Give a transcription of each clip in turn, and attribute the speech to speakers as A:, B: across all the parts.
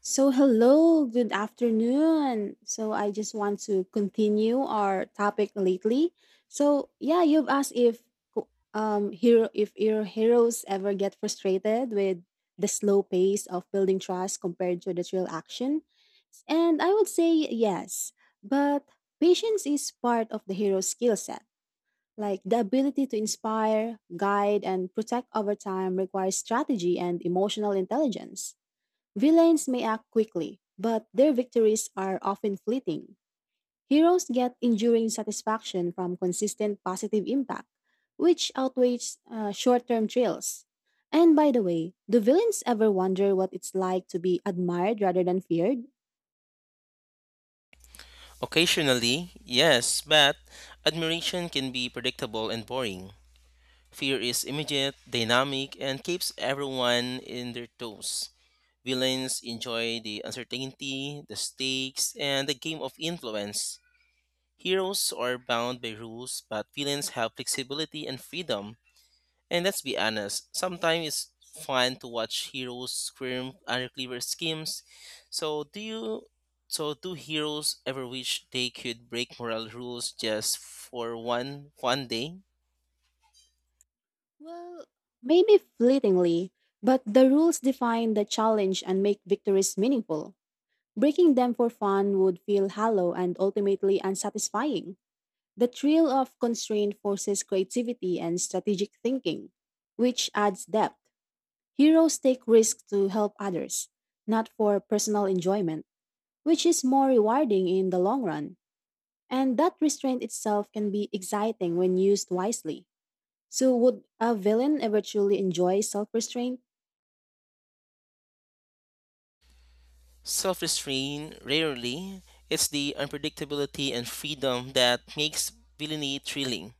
A: So, hello, good afternoon. So, I just want to continue our topic lately. You've asked if co- hero if your heroes ever get frustrated with the slow pace of building trust compared to the real action. And I would say yes, but patience is part of the hero's skill set. Like the ability to inspire, guide, and protect over time requires strategy and emotional intelligence. Villains may act quickly, but their victories are often fleeting. Heroes get enduring satisfaction from consistent positive impact, which outweighs short term thrills. And by the way, do villains ever wonder what it's like to be admired rather than feared?
B: Occasionally, yes, but admiration can be predictable and boring. Fear is immediate, dynamic, and keeps everyone in their toes. Villains enjoy the uncertainty, the stakes, and the game of influence. Heroes are bound by rules, but villains have flexibility and freedom. And let's be honest, sometimes it's fun to watch heroes scream under clever schemes. So do you so do heroes ever wish they could break moral rules just for one day?
A: Well, maybe fleetingly, but the rules define the challenge and make victories meaningful. Breaking them for fun would feel hollow and ultimately unsatisfying. The thrill of constraint forces creativity and strategic thinking, which adds depth. Heroes take risks to help others, not for personal enjoyment, which is more rewarding in the long run. And that restraint itself can be exciting when used wisely. So, would a villain ever truly enjoy self restraint?
B: Self-restraint rarely. It's the unpredictability and freedom that makes villainy thrilling.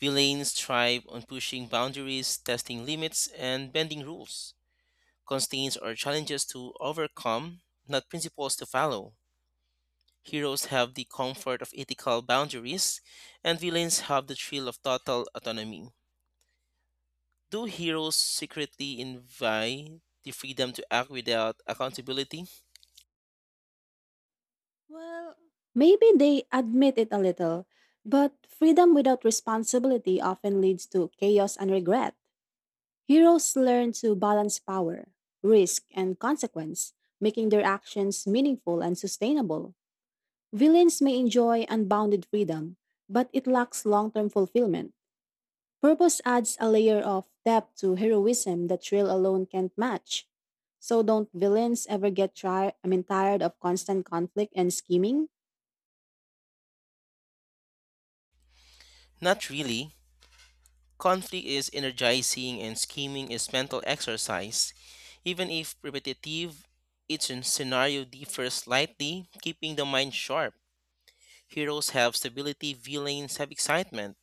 B: Villains thrive on pushing boundaries, testing limits, and bending rules. Constraints are challenges to overcome, not principles to follow. Heroes have the comfort of ethical boundaries, and villains have the thrill of total autonomy. Do heroes secretly invite the freedom to act without accountability?
A: Well, maybe they admit it a little, but freedom without responsibility often leads to chaos and regret. Heroes learn to balance power, risk, and consequence, making their actions meaningful and sustainable. Villains may enjoy unbounded freedom, but it lacks long term fulfillment. Purpose adds a layer of depth to heroism that thrill alone can't match. So, don't villains ever get tired of constant conflict and scheming?
B: Not really. Conflict is energizing and scheming is mental exercise. Even if repetitive, each scenario differs slightly, keeping the mind sharp. Heroes have stability, villains have excitement.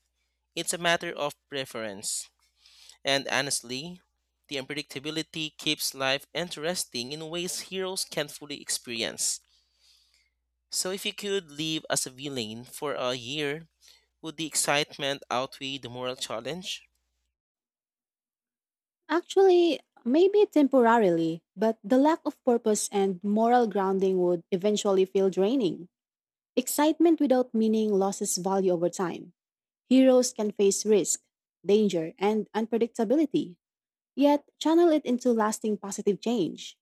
B: It's a matter of preference. And honestly, the unpredictability keeps life interesting in ways heroes can't fully experience. So if you could live as a villain for a year, would the excitement outweigh the moral challenge?
A: Actually, maybe temporarily, but the lack of purpose and moral grounding would eventually feel draining. Excitement without meaning loses value over time. Heroes can face risk, danger, and unpredictability, yet channel it into lasting positive change.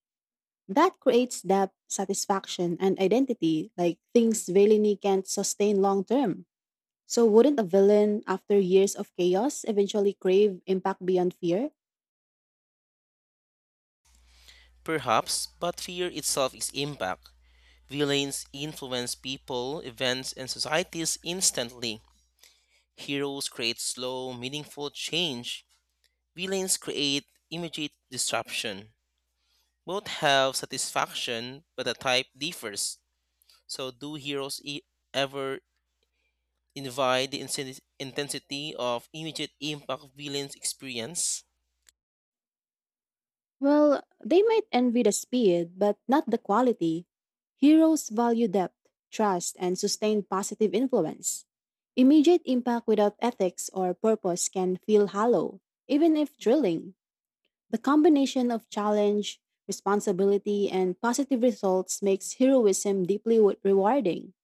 A: That creates depth, satisfaction, and identity like things villainy can't sustain long term. So, wouldn't a villain, after years of chaos, eventually crave impact beyond fear?
B: Perhaps, but fear itself is impact. Villains influence people, events, and societies instantly. Heroes create slow, meaningful change. Villains create immediate disruption. Both have satisfaction, but the type differs. So, do heroes ever invite the intensity of immediate impact villains experience?
A: Well, they might envy the speed, but not the quality. Heroes value depth, trust, and sustained positive influence. Immediate impact without ethics or purpose can feel hollow, even if thrilling. The combination of challenge, responsibility, and positive results makes heroism deeply rewarding.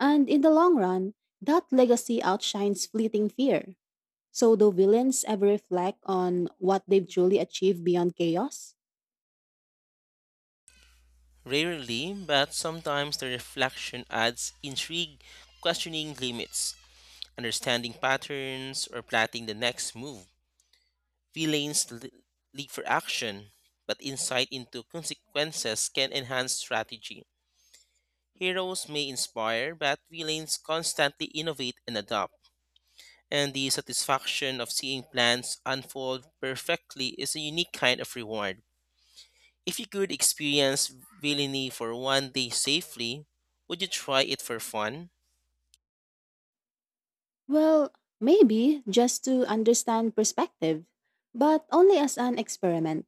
A: And in the long run, that legacy outshines fleeting fear. So, do villains ever reflect on what they've truly achieved beyond chaos?
B: Rarely, but sometimes the reflection adds intrigue, questioning limits, understanding patterns, or plotting the next move. Villains leap for action, but insight into consequences can enhance strategy. Heroes may inspire, but villains constantly innovate and adapt, and the satisfaction of seeing plans unfold perfectly is a unique kind of reward. If you could experience Villani for one day safely, would you try it for fun?
A: Well, maybe just to understand perspective, but only as an experiment.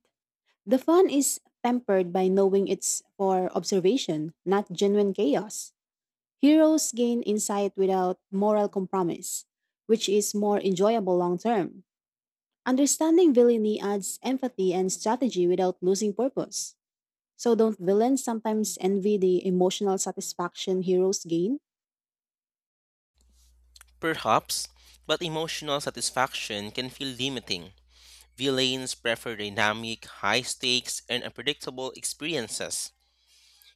A: The fun is tempered by knowing it's for observation, not genuine chaos. Heroes gain insight without moral compromise, which is more enjoyable long term. Understanding villainy adds empathy and strategy without losing purpose. So, don't villains sometimes envy the emotional satisfaction heroes gain?
B: Perhaps, but emotional satisfaction can feel limiting. Villains prefer dynamic, high stakes, and unpredictable experiences.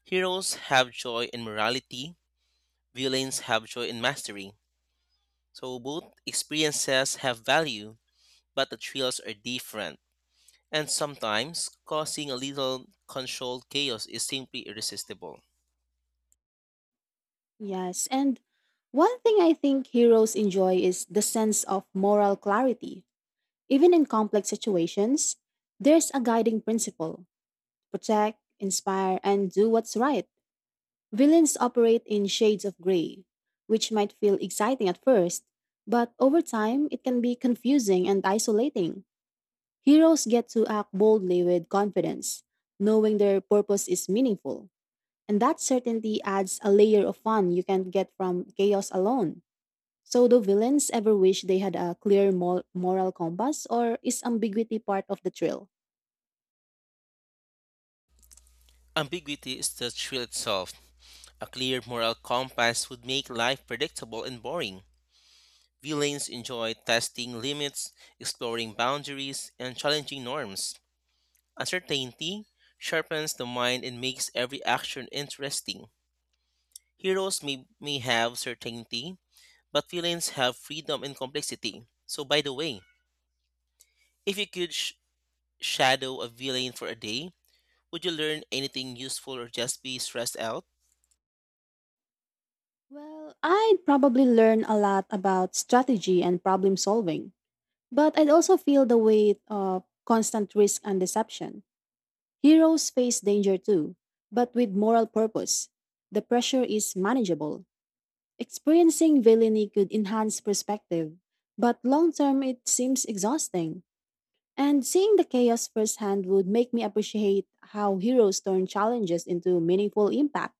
B: Heroes have joy in morality, villains have joy in mastery. So both experiences have value, but the thrills are different. And sometimes, causing a little controlled chaos is simply irresistible.
A: Yes, and one thing I think heroes enjoy is the sense of moral clarity. Even in complex situations, there's a guiding principle protect, inspire, and do what's right. Villains operate in shades of gray, which might feel exciting at first, but over time it can be confusing and isolating. Heroes get to act boldly with confidence, knowing their purpose is meaningful, and that certainty adds a layer of fun you can't get from chaos alone. So, do villains ever wish they had a clear moral compass, or is ambiguity part of the thrill?
B: Ambiguity is the thrill itself. A clear moral compass would make life predictable and boring. Villains enjoy testing limits, exploring boundaries, and challenging norms. Uncertainty sharpens the mind and makes every action interesting. Heroes may have certainty, but villains have freedom and complexity. So, by the way, if you could shadow a villain for a day, would you learn anything useful or just be stressed out?
A: Well, I'd probably learn a lot about strategy and problem solving, but I'd also feel the weight of constant risk and deception. Heroes face danger too, but with moral purpose. The pressure is manageable. Experiencing villainy could enhance perspective, but long term it seems exhausting. And seeing the chaos firsthand would make me appreciate how heroes turn challenges into meaningful impact.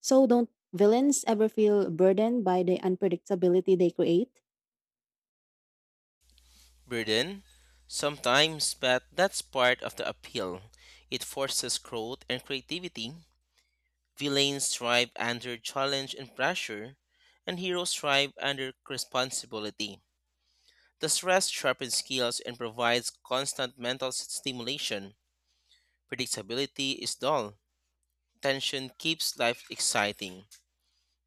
A: So, don't villains ever feel burdened by the unpredictability they create?
B: Burden? Sometimes, but that's part of the appeal. It forces growth and creativity. Villains thrive under challenge and pressure, and heroes thrive under responsibility. The stress sharpens skills and provides constant mental stimulation. Predictability is dull. Tension keeps life exciting.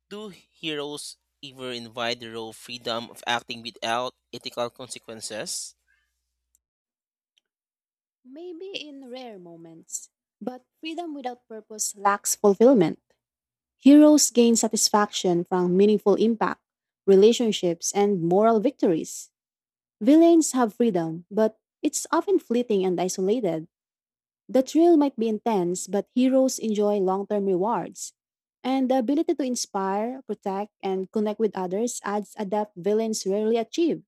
B: Do heroes ever invite the raw freedom of acting without ethical consequences?
A: Maybe in rare moments. But freedom without purpose lacks fulfillment. Heroes gain satisfaction from meaningful impact, relationships, and moral victories. Villains have freedom, but it's often fleeting and isolated. The thrill might be intense, but heroes enjoy long term rewards. And the ability to inspire, protect, and connect with others adds a depth villains rarely achieve.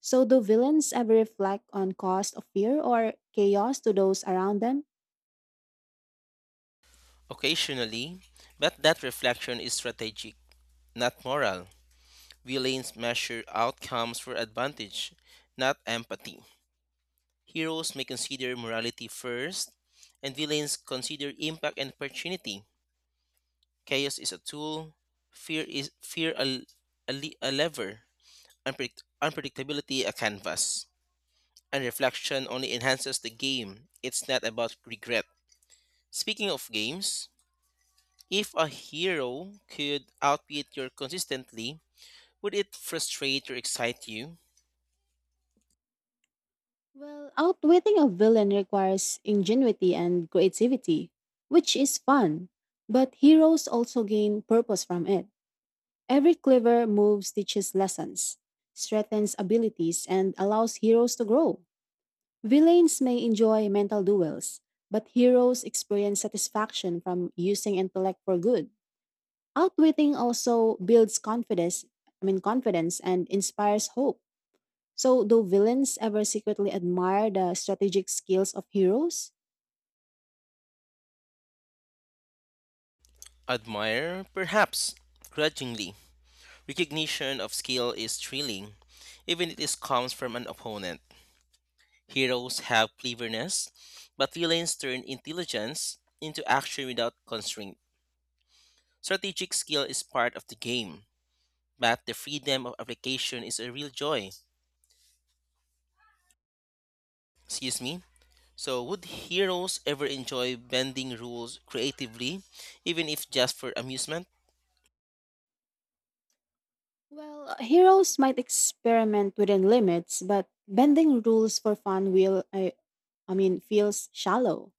A: So, do villains ever reflect on cost of fear or chaos to those around them?
B: Occasionally, but that reflection is strategic, not moral. Villains measure outcomes for advantage, not empathy. Heroes may consider morality first, and villains consider impact and opportunity. Chaos is a tool, fear is fear a, le- a lever, unpredictability a canvas. And reflection only enhances the game. It's not about regret. Speaking of games, if a hero could outbeat you consistently, would it frustrate or excite you?
A: Well, outwitting a villain requires ingenuity and creativity, which is fun, but heroes also gain purpose from it. Every clever move teaches lessons, strengthens abilities, and allows heroes to grow. Villains may enjoy mental duels, but heroes experience satisfaction from using intellect for good. Outwitting also builds confidence, I mean, confidence and inspires hope. So do villains ever secretly admire the strategic skills of heroes?
B: Admire, perhaps, grudgingly. Recognition of skill is thrilling, even if it comes from an opponent. Heroes have cleverness, but villains turn intelligence into action without constraint. Strategic skill is part of the game, but the freedom of application is a real joy. Excuse me. So, would heroes ever enjoy bending rules creatively, even if just for amusement?
A: Well, heroes might experiment within limits, but bending rules for fun will I mean feels shallow.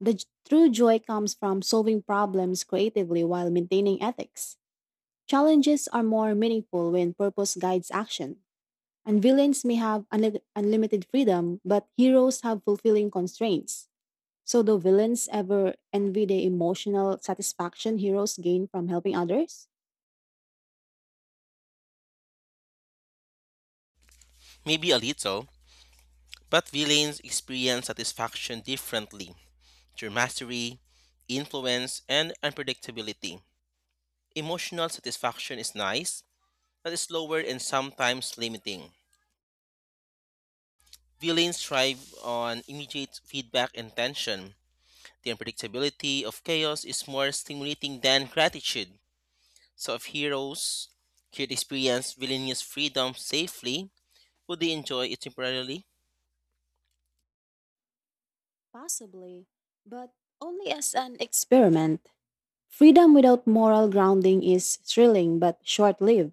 A: The true joy comes from solving problems creatively while maintaining ethics. Challenges are more meaningful when purpose guides action, and villains may have unlimited freedom, but heroes have fulfilling constraints. So, do villains ever envy the emotional satisfaction heroes gain from helping others?
B: Maybe a little, but villains experience satisfaction differently through mastery, influence, and unpredictability. Emotional satisfaction is nice, but is slower and sometimes limiting. Villains thrive on immediate feedback and tension. The unpredictability of chaos is more stimulating than gratitude. So if heroes could experience villainous freedom safely, would they enjoy it temporarily?
A: Possibly, but only as an experiment. Freedom without moral grounding is thrilling but short lived.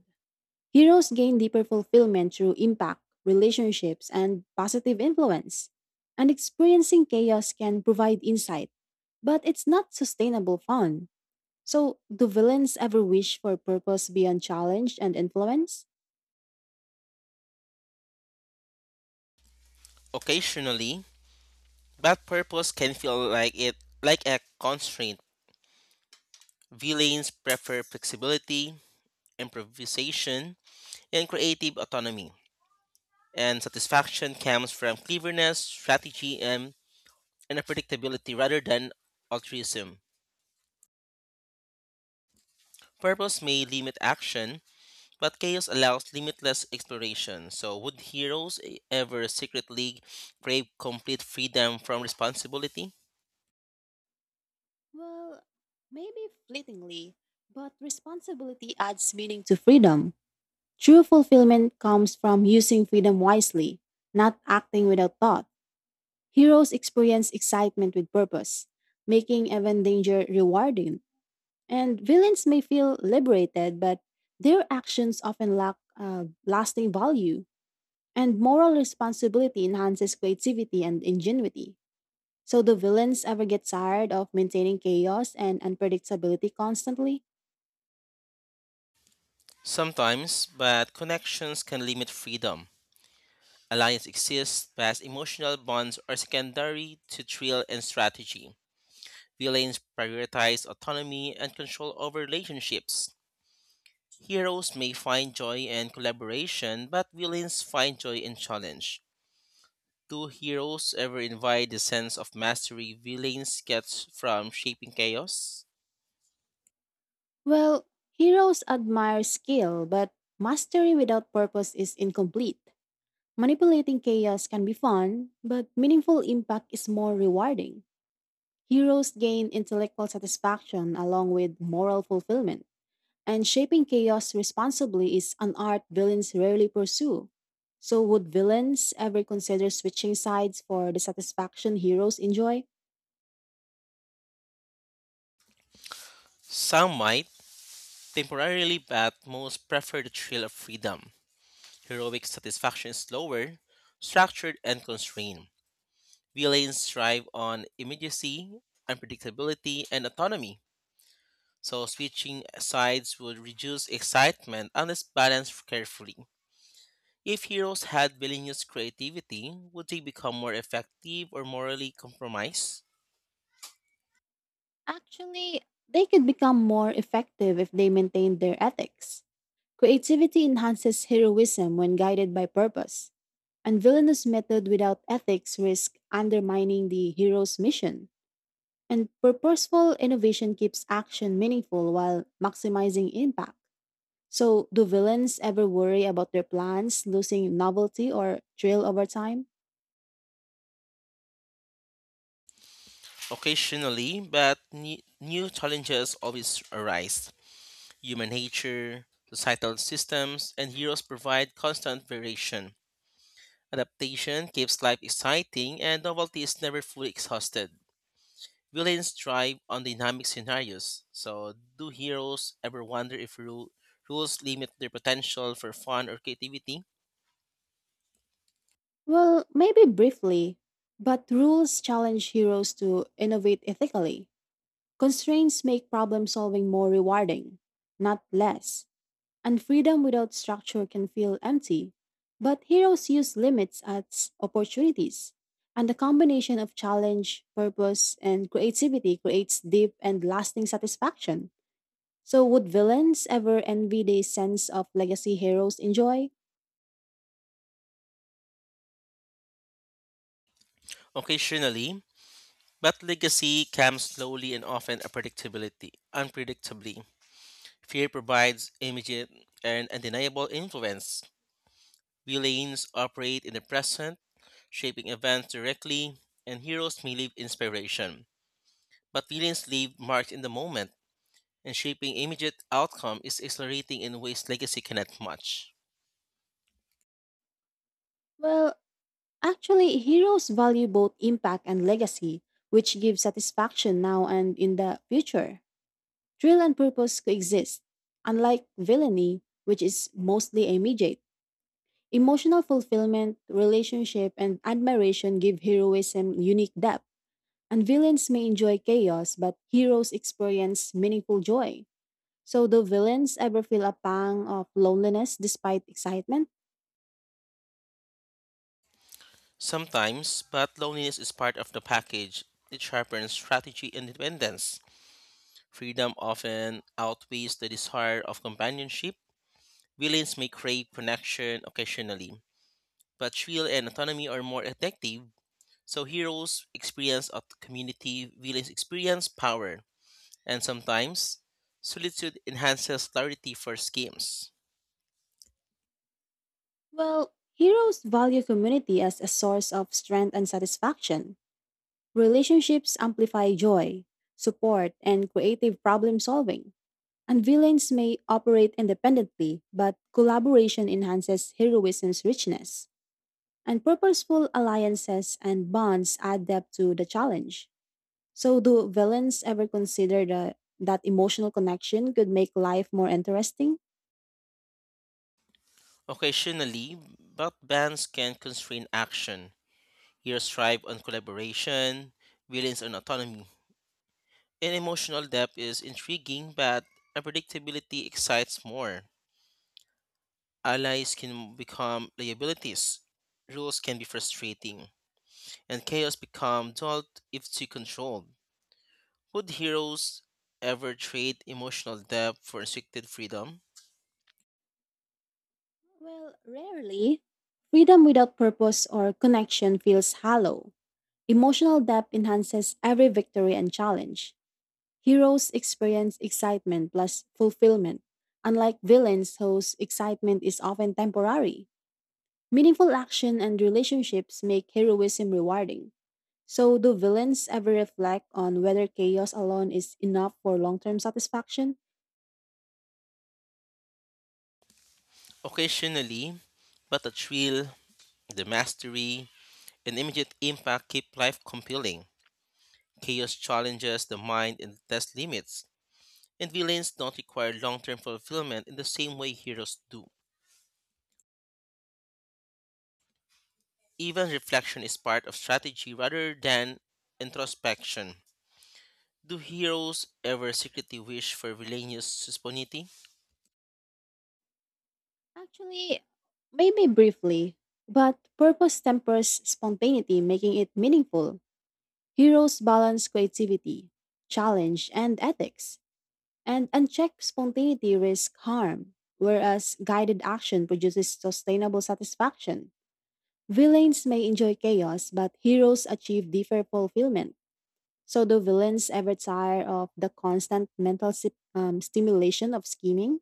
A: Heroes gain deeper fulfillment through impact, relationships, and positive influence. And experiencing chaos can provide insight, but it's not sustainable fun. So, do villains ever wish for purpose beyond challenge and influence?
B: Occasionally, bad purpose can feel like a constraint. Villains prefer flexibility, improvisation, and creative autonomy. And satisfaction comes from cleverness, strategy, and unpredictability rather than altruism. Purpose may limit action, but chaos allows limitless exploration, so would heroes ever secretly crave complete freedom from responsibility?
A: Well, maybe fleetingly, but responsibility adds meaning to freedom. True fulfillment comes from using freedom wisely, not acting without thought. Heroes experience excitement with purpose, making even danger rewarding. And villains may feel liberated, but their actions often lack lasting value. And moral responsibility enhances creativity and ingenuity. So, do villains ever get tired of maintaining chaos and unpredictability constantly?
B: Sometimes, but connections can limit freedom. Alliance exists, but emotional bonds are secondary to thrill and strategy. Villains prioritize autonomy and control over relationships. Heroes may find joy in collaboration, but villains find joy in challenge. Do heroes ever invite the sense of mastery villains get from shaping chaos?
A: Well, heroes admire skill, but mastery without purpose is incomplete. Manipulating chaos can be fun, but meaningful impact is more rewarding. Heroes gain intellectual satisfaction along with moral fulfillment, and shaping chaos responsibly is an art villains rarely pursue. So, would villains ever consider switching sides for the satisfaction heroes enjoy?
B: Some might, temporarily, but most prefer the thrill of freedom. Heroic satisfaction is lower, structured, and constrained. Villains thrive on immediacy, unpredictability, and autonomy, so switching sides would reduce excitement unless balanced carefully. If heroes had villainous creativity, would they become more effective or morally compromised?
A: Actually, they could become more effective if they maintained their ethics. Creativity enhances heroism when guided by purpose. And villainous method without ethics risk undermining the hero's mission, and purposeful innovation keeps action meaningful while maximizing impact. So, do villains ever worry about their plans losing novelty or thrill over time?
B: Occasionally, but new challenges always arise. Human nature, societal systems, and heroes provide constant variation. Adaptation keeps life exciting, and novelty is never fully exhausted. Villains thrive on dynamic scenarios, so do heroes ever wonder if rules limit their potential for fun or creativity?
A: Well, maybe briefly, but rules challenge heroes to innovate ethically. Constraints make problem solving more rewarding, not less. And freedom without structure can feel empty. But heroes use limits as opportunities. And the combination of challenge, purpose, and creativity creates deep and lasting satisfaction. So, would villains ever envy the sense of legacy heroes enjoy?
B: Occasionally, but legacy comes slowly and often unpredictably. Fear provides immediate and undeniable influence. Villains operate in the present, shaping events directly, and heroes may leave inspiration. But villains leave marks in the moment, and shaping immediate outcome is accelerating in ways legacy cannot match.
A: Well, actually, heroes value both impact and legacy, which gives satisfaction now and in the future. Thrill and purpose coexist, unlike villainy, which is mostly immediate. Emotional fulfillment, relationship, and admiration give heroism unique depth. And villains may enjoy chaos, but heroes experience meaningful joy. So, do villains ever feel a pang of loneliness despite excitement?
B: Sometimes, but loneliness is part of the package. It sharpens strategy and independence. Freedom often outweighs the desire of companionship. Villains may crave connection occasionally, but thrill and autonomy are more effective, so heroes experience of community, villains experience power, and sometimes solitude enhances clarity for schemes.
A: Well, heroes value community as a source of strength and satisfaction. Relationships amplify joy, support, and creative problem solving. And villains may operate independently, but collaboration enhances heroism's richness. And purposeful alliances and bonds add depth to the challenge. So, do villains ever consider that emotional connection could make life more interesting?
B: Occasionally, but bans can constrain action. Heroes thrive on collaboration, villains on autonomy. And emotional depth is intriguing, but unpredictability excites more. Allies can become liabilities. Rules can be frustrating and chaos become dulled if too controlled. Would heroes ever trade emotional depth for restricted freedom?
A: Well, rarely. Freedom without purpose or connection feels hollow. Emotional depth enhances every victory and challenge. Heroes experience excitement plus fulfillment, unlike villains whose excitement is often temporary. Meaningful action and relationships make heroism rewarding. So, do villains ever reflect on whether chaos alone is enough for long term satisfaction?
B: Occasionally, but the thrill, the mastery, and immediate impact keep life compelling. Chaos challenges the mind and tests limits, and villains don't require long term fulfillment in the same way heroes do. Even reflection is part of strategy rather than introspection. Do heroes ever secretly wish for villainous spontaneity?
A: Actually, maybe briefly, but purpose tempers spontaneity, making it meaningful. Heroes balance creativity, challenge, and ethics, and unchecked spontaneity risks harm, whereas guided action produces sustainable satisfaction. Villains may enjoy chaos, but heroes achieve deeper fulfillment. So, do villains ever tire of the constant mental stimulation of scheming?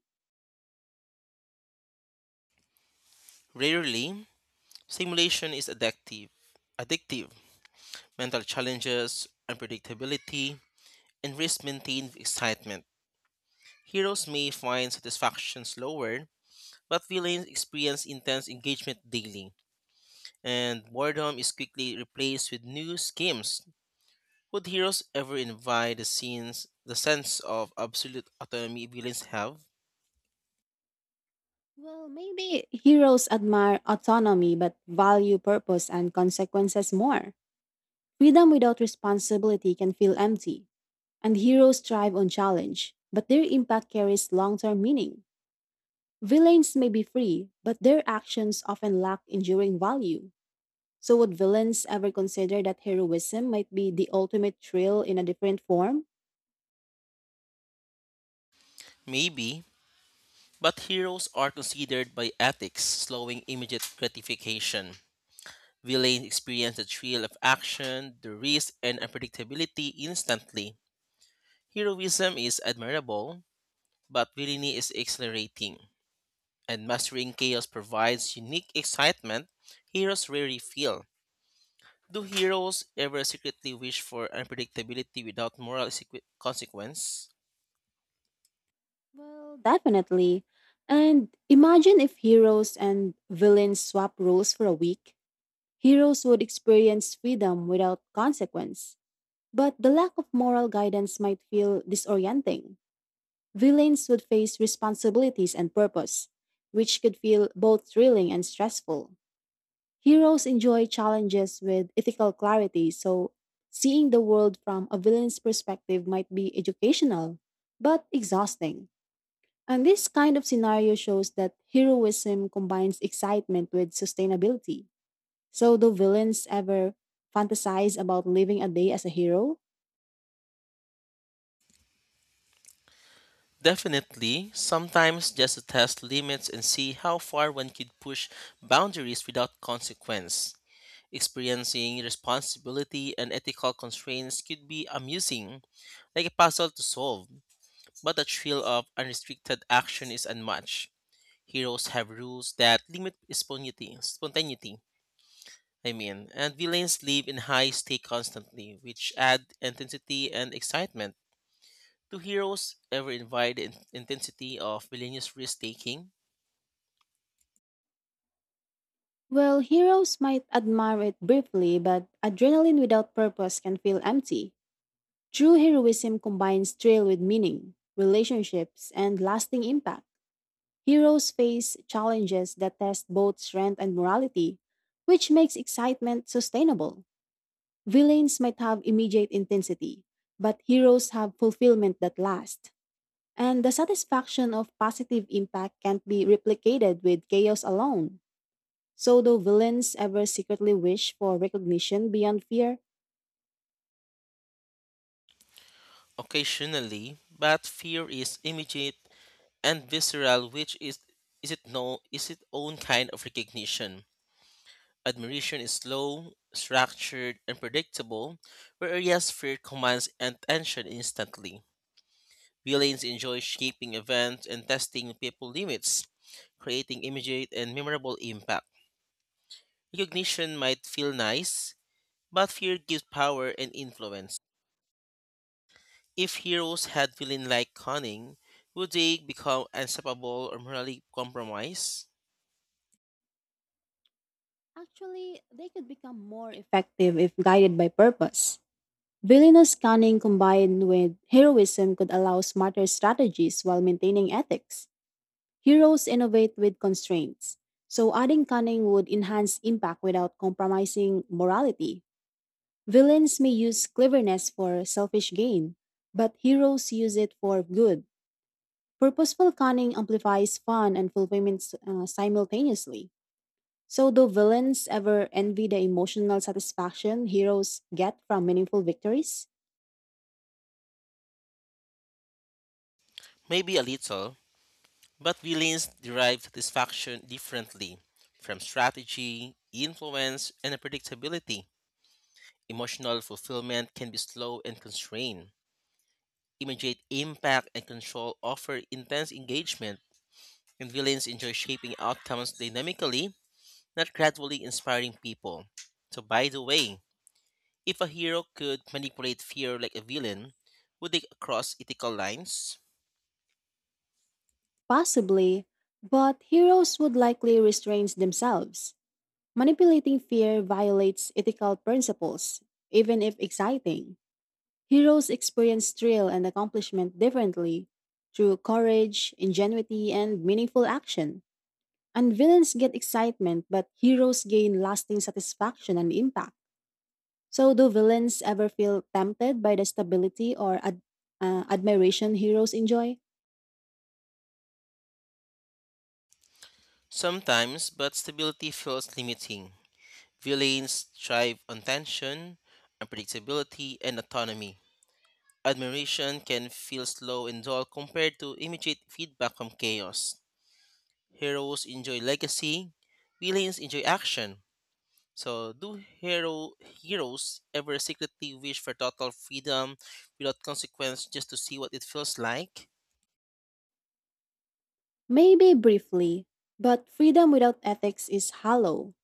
B: Rarely, simulation is addictive. Mental challenges, unpredictability, and risk maintained excitement. Heroes may find satisfaction slower, but villains experience intense engagement daily, and boredom is quickly replaced with new schemes. Would heroes ever invite the scenes the sense of absolute autonomy villains have?
A: Well, maybe heroes admire autonomy but value purpose and consequences more. Freedom without responsibility can feel empty, and heroes thrive on challenge, but their impact carries long term meaning. Villains may be free, but their actions often lack enduring value. So, would villains ever consider that heroism might be the ultimate thrill in a different form?
B: Maybe, but heroes are considered by ethics slowing immediate gratification. Villains experience the thrill of action, the risk, and unpredictability instantly. Heroism is admirable, but villainy is exhilarating, and mastering chaos provides unique excitement heroes rarely feel. Do heroes ever secretly wish for unpredictability without moral consequence?
A: Well, definitely. And imagine if heroes and villains swap roles for a week. Heroes would experience freedom without consequence, but the lack of moral guidance might feel disorienting. Villains would face responsibilities and purpose, which could feel both thrilling and stressful. Heroes enjoy challenges with ethical clarity, so seeing the world from a villain's perspective might be educational, but exhausting. And this kind of scenario shows that heroism combines excitement with sustainability. So, do villains ever fantasize about living a day as a hero?
B: Definitely, sometimes just to test limits and see how far one could push boundaries without consequence. Experiencing responsibility and ethical constraints could be amusing, like a puzzle to solve, but the thrill of unrestricted action is unmatched. Heroes have rules that limit spontaneity, and villains live in high stake constantly, which add intensity and excitement. Do heroes ever invite the intensity of villainous risk taking?
A: Well, heroes might admire it briefly, but adrenaline without purpose can feel empty. True heroism combines thrill with meaning, relationships, and lasting impact. Heroes face challenges that test both strength and morality, which makes excitement sustainable. Villains might have immediate intensity, but heroes have fulfillment that lasts. And the satisfaction of positive impact can't be replicated with chaos alone. So, do villains ever secretly wish for recognition beyond fear?
B: Occasionally, but fear is immediate and visceral, which is it no is its own kind of recognition. Admiration is slow, structured, and predictable, whereas fear commands attention instantly. Villains enjoy shaping events and testing people limits, creating immediate and memorable impact. Recognition might feel nice, but fear gives power and influence. If heroes had villain-like cunning, would they become unstoppable or morally compromised?
A: Actually, they could become more effective if guided by purpose. Villainous cunning combined with heroism could allow smarter strategies while maintaining ethics. Heroes innovate with constraints, so adding cunning would enhance impact without compromising morality. Villains may use cleverness for selfish gain, but heroes use it for good. Purposeful cunning amplifies fun and fulfillment simultaneously. So, do villains ever envy the emotional satisfaction heroes get from meaningful victories?
B: Maybe a little, but villains derive satisfaction differently from strategy, influence, and predictability. Emotional fulfillment can be slow and constrained. Immediate impact and control offer intense engagement, and villains enjoy shaping outcomes dynamically, not gradually inspiring people. So, by the way, if a hero could manipulate fear like a villain, would they cross ethical lines?
A: Possibly, but heroes would likely restrain themselves. Manipulating fear violates ethical principles, even if exciting. Heroes experience thrill and accomplishment differently through courage, ingenuity, and meaningful action. And villains get excitement, but heroes gain lasting satisfaction and impact. So, do villains ever feel tempted by the stability or admiration heroes enjoy?
B: Sometimes, but stability feels limiting. Villains thrive on tension, unpredictability, and autonomy. Admiration can feel slow and dull compared to immediate feedback from chaos. Heroes enjoy legacy, villains enjoy action. So, do heroes ever secretly wish for total freedom without consequence just to see what it feels like?
A: Maybe briefly, but freedom without ethics is hollow.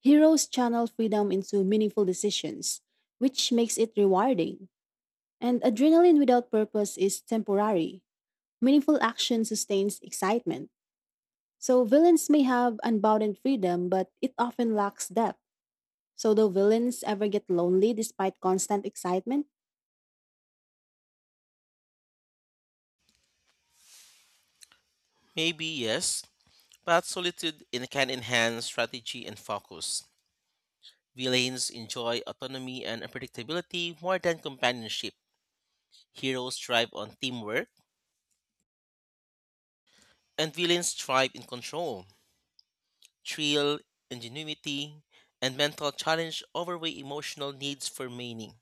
A: Heroes channel freedom into meaningful decisions, which makes it rewarding. And adrenaline without purpose is temporary. Meaningful action sustains excitement. So villains may have unbounded freedom, but it often lacks depth. So do villains ever get lonely despite constant excitement?
B: Maybe yes, but can enhance strategy and focus. Villains enjoy autonomy and unpredictability more than companionship. Heroes thrive on teamwork, and villains thrive in control. Thrill, ingenuity, and mental challenge overweigh emotional needs for meaning.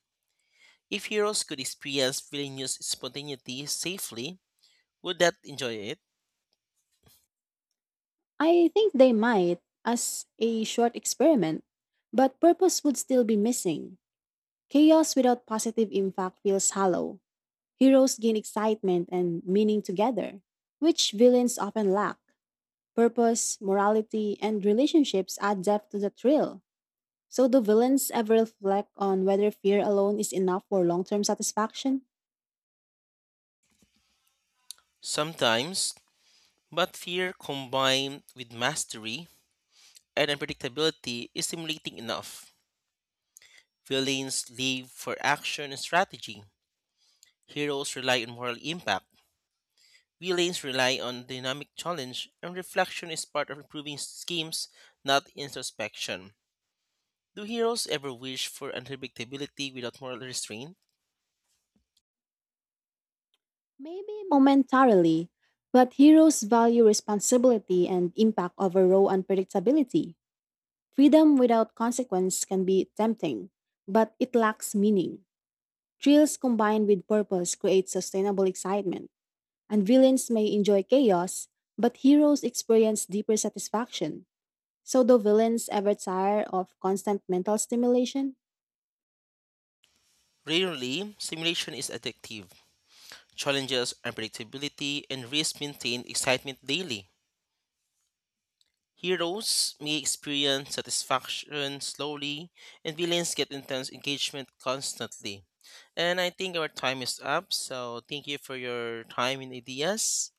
B: If heroes could experience villainous spontaneity safely, would that enjoy it?
A: I think they might, as a short experiment. But purpose would still be missing. Chaos without positive impact feels hollow. Heroes gain excitement and meaning together, which villains often lack. Purpose, morality, and relationships add depth to the thrill. So, do villains ever reflect on whether fear alone is enough for long term satisfaction?
B: Sometimes, but fear combined with mastery and unpredictability is stimulating enough. Villains live for action and strategy. Heroes rely on moral impact. Relays rely on dynamic challenge, and reflection is part of improving schemes, not introspection. Do heroes ever wish for unpredictability without moral restraint?
A: Maybe momentarily, but heroes value responsibility and impact over raw unpredictability. Freedom without consequence can be tempting, but it lacks meaning. Thrills combined with purpose create sustainable excitement. And villains may enjoy chaos, but heroes experience deeper satisfaction. So, do villains ever tire of constant mental stimulation?
B: Rarely, simulation is addictive. Challenges, unpredictability, and risk maintain excitement daily. Heroes may experience satisfaction slowly, and villains get intense engagement constantly. And I think our time is up, so thank you for your time and ideas.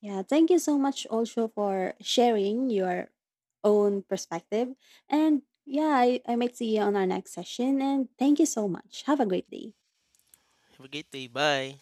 A: Yeah, thank you so much also for sharing your own perspective. And yeah, I might see you on our next session. And thank you so much. Have a great day.
B: Have a great day. Bye.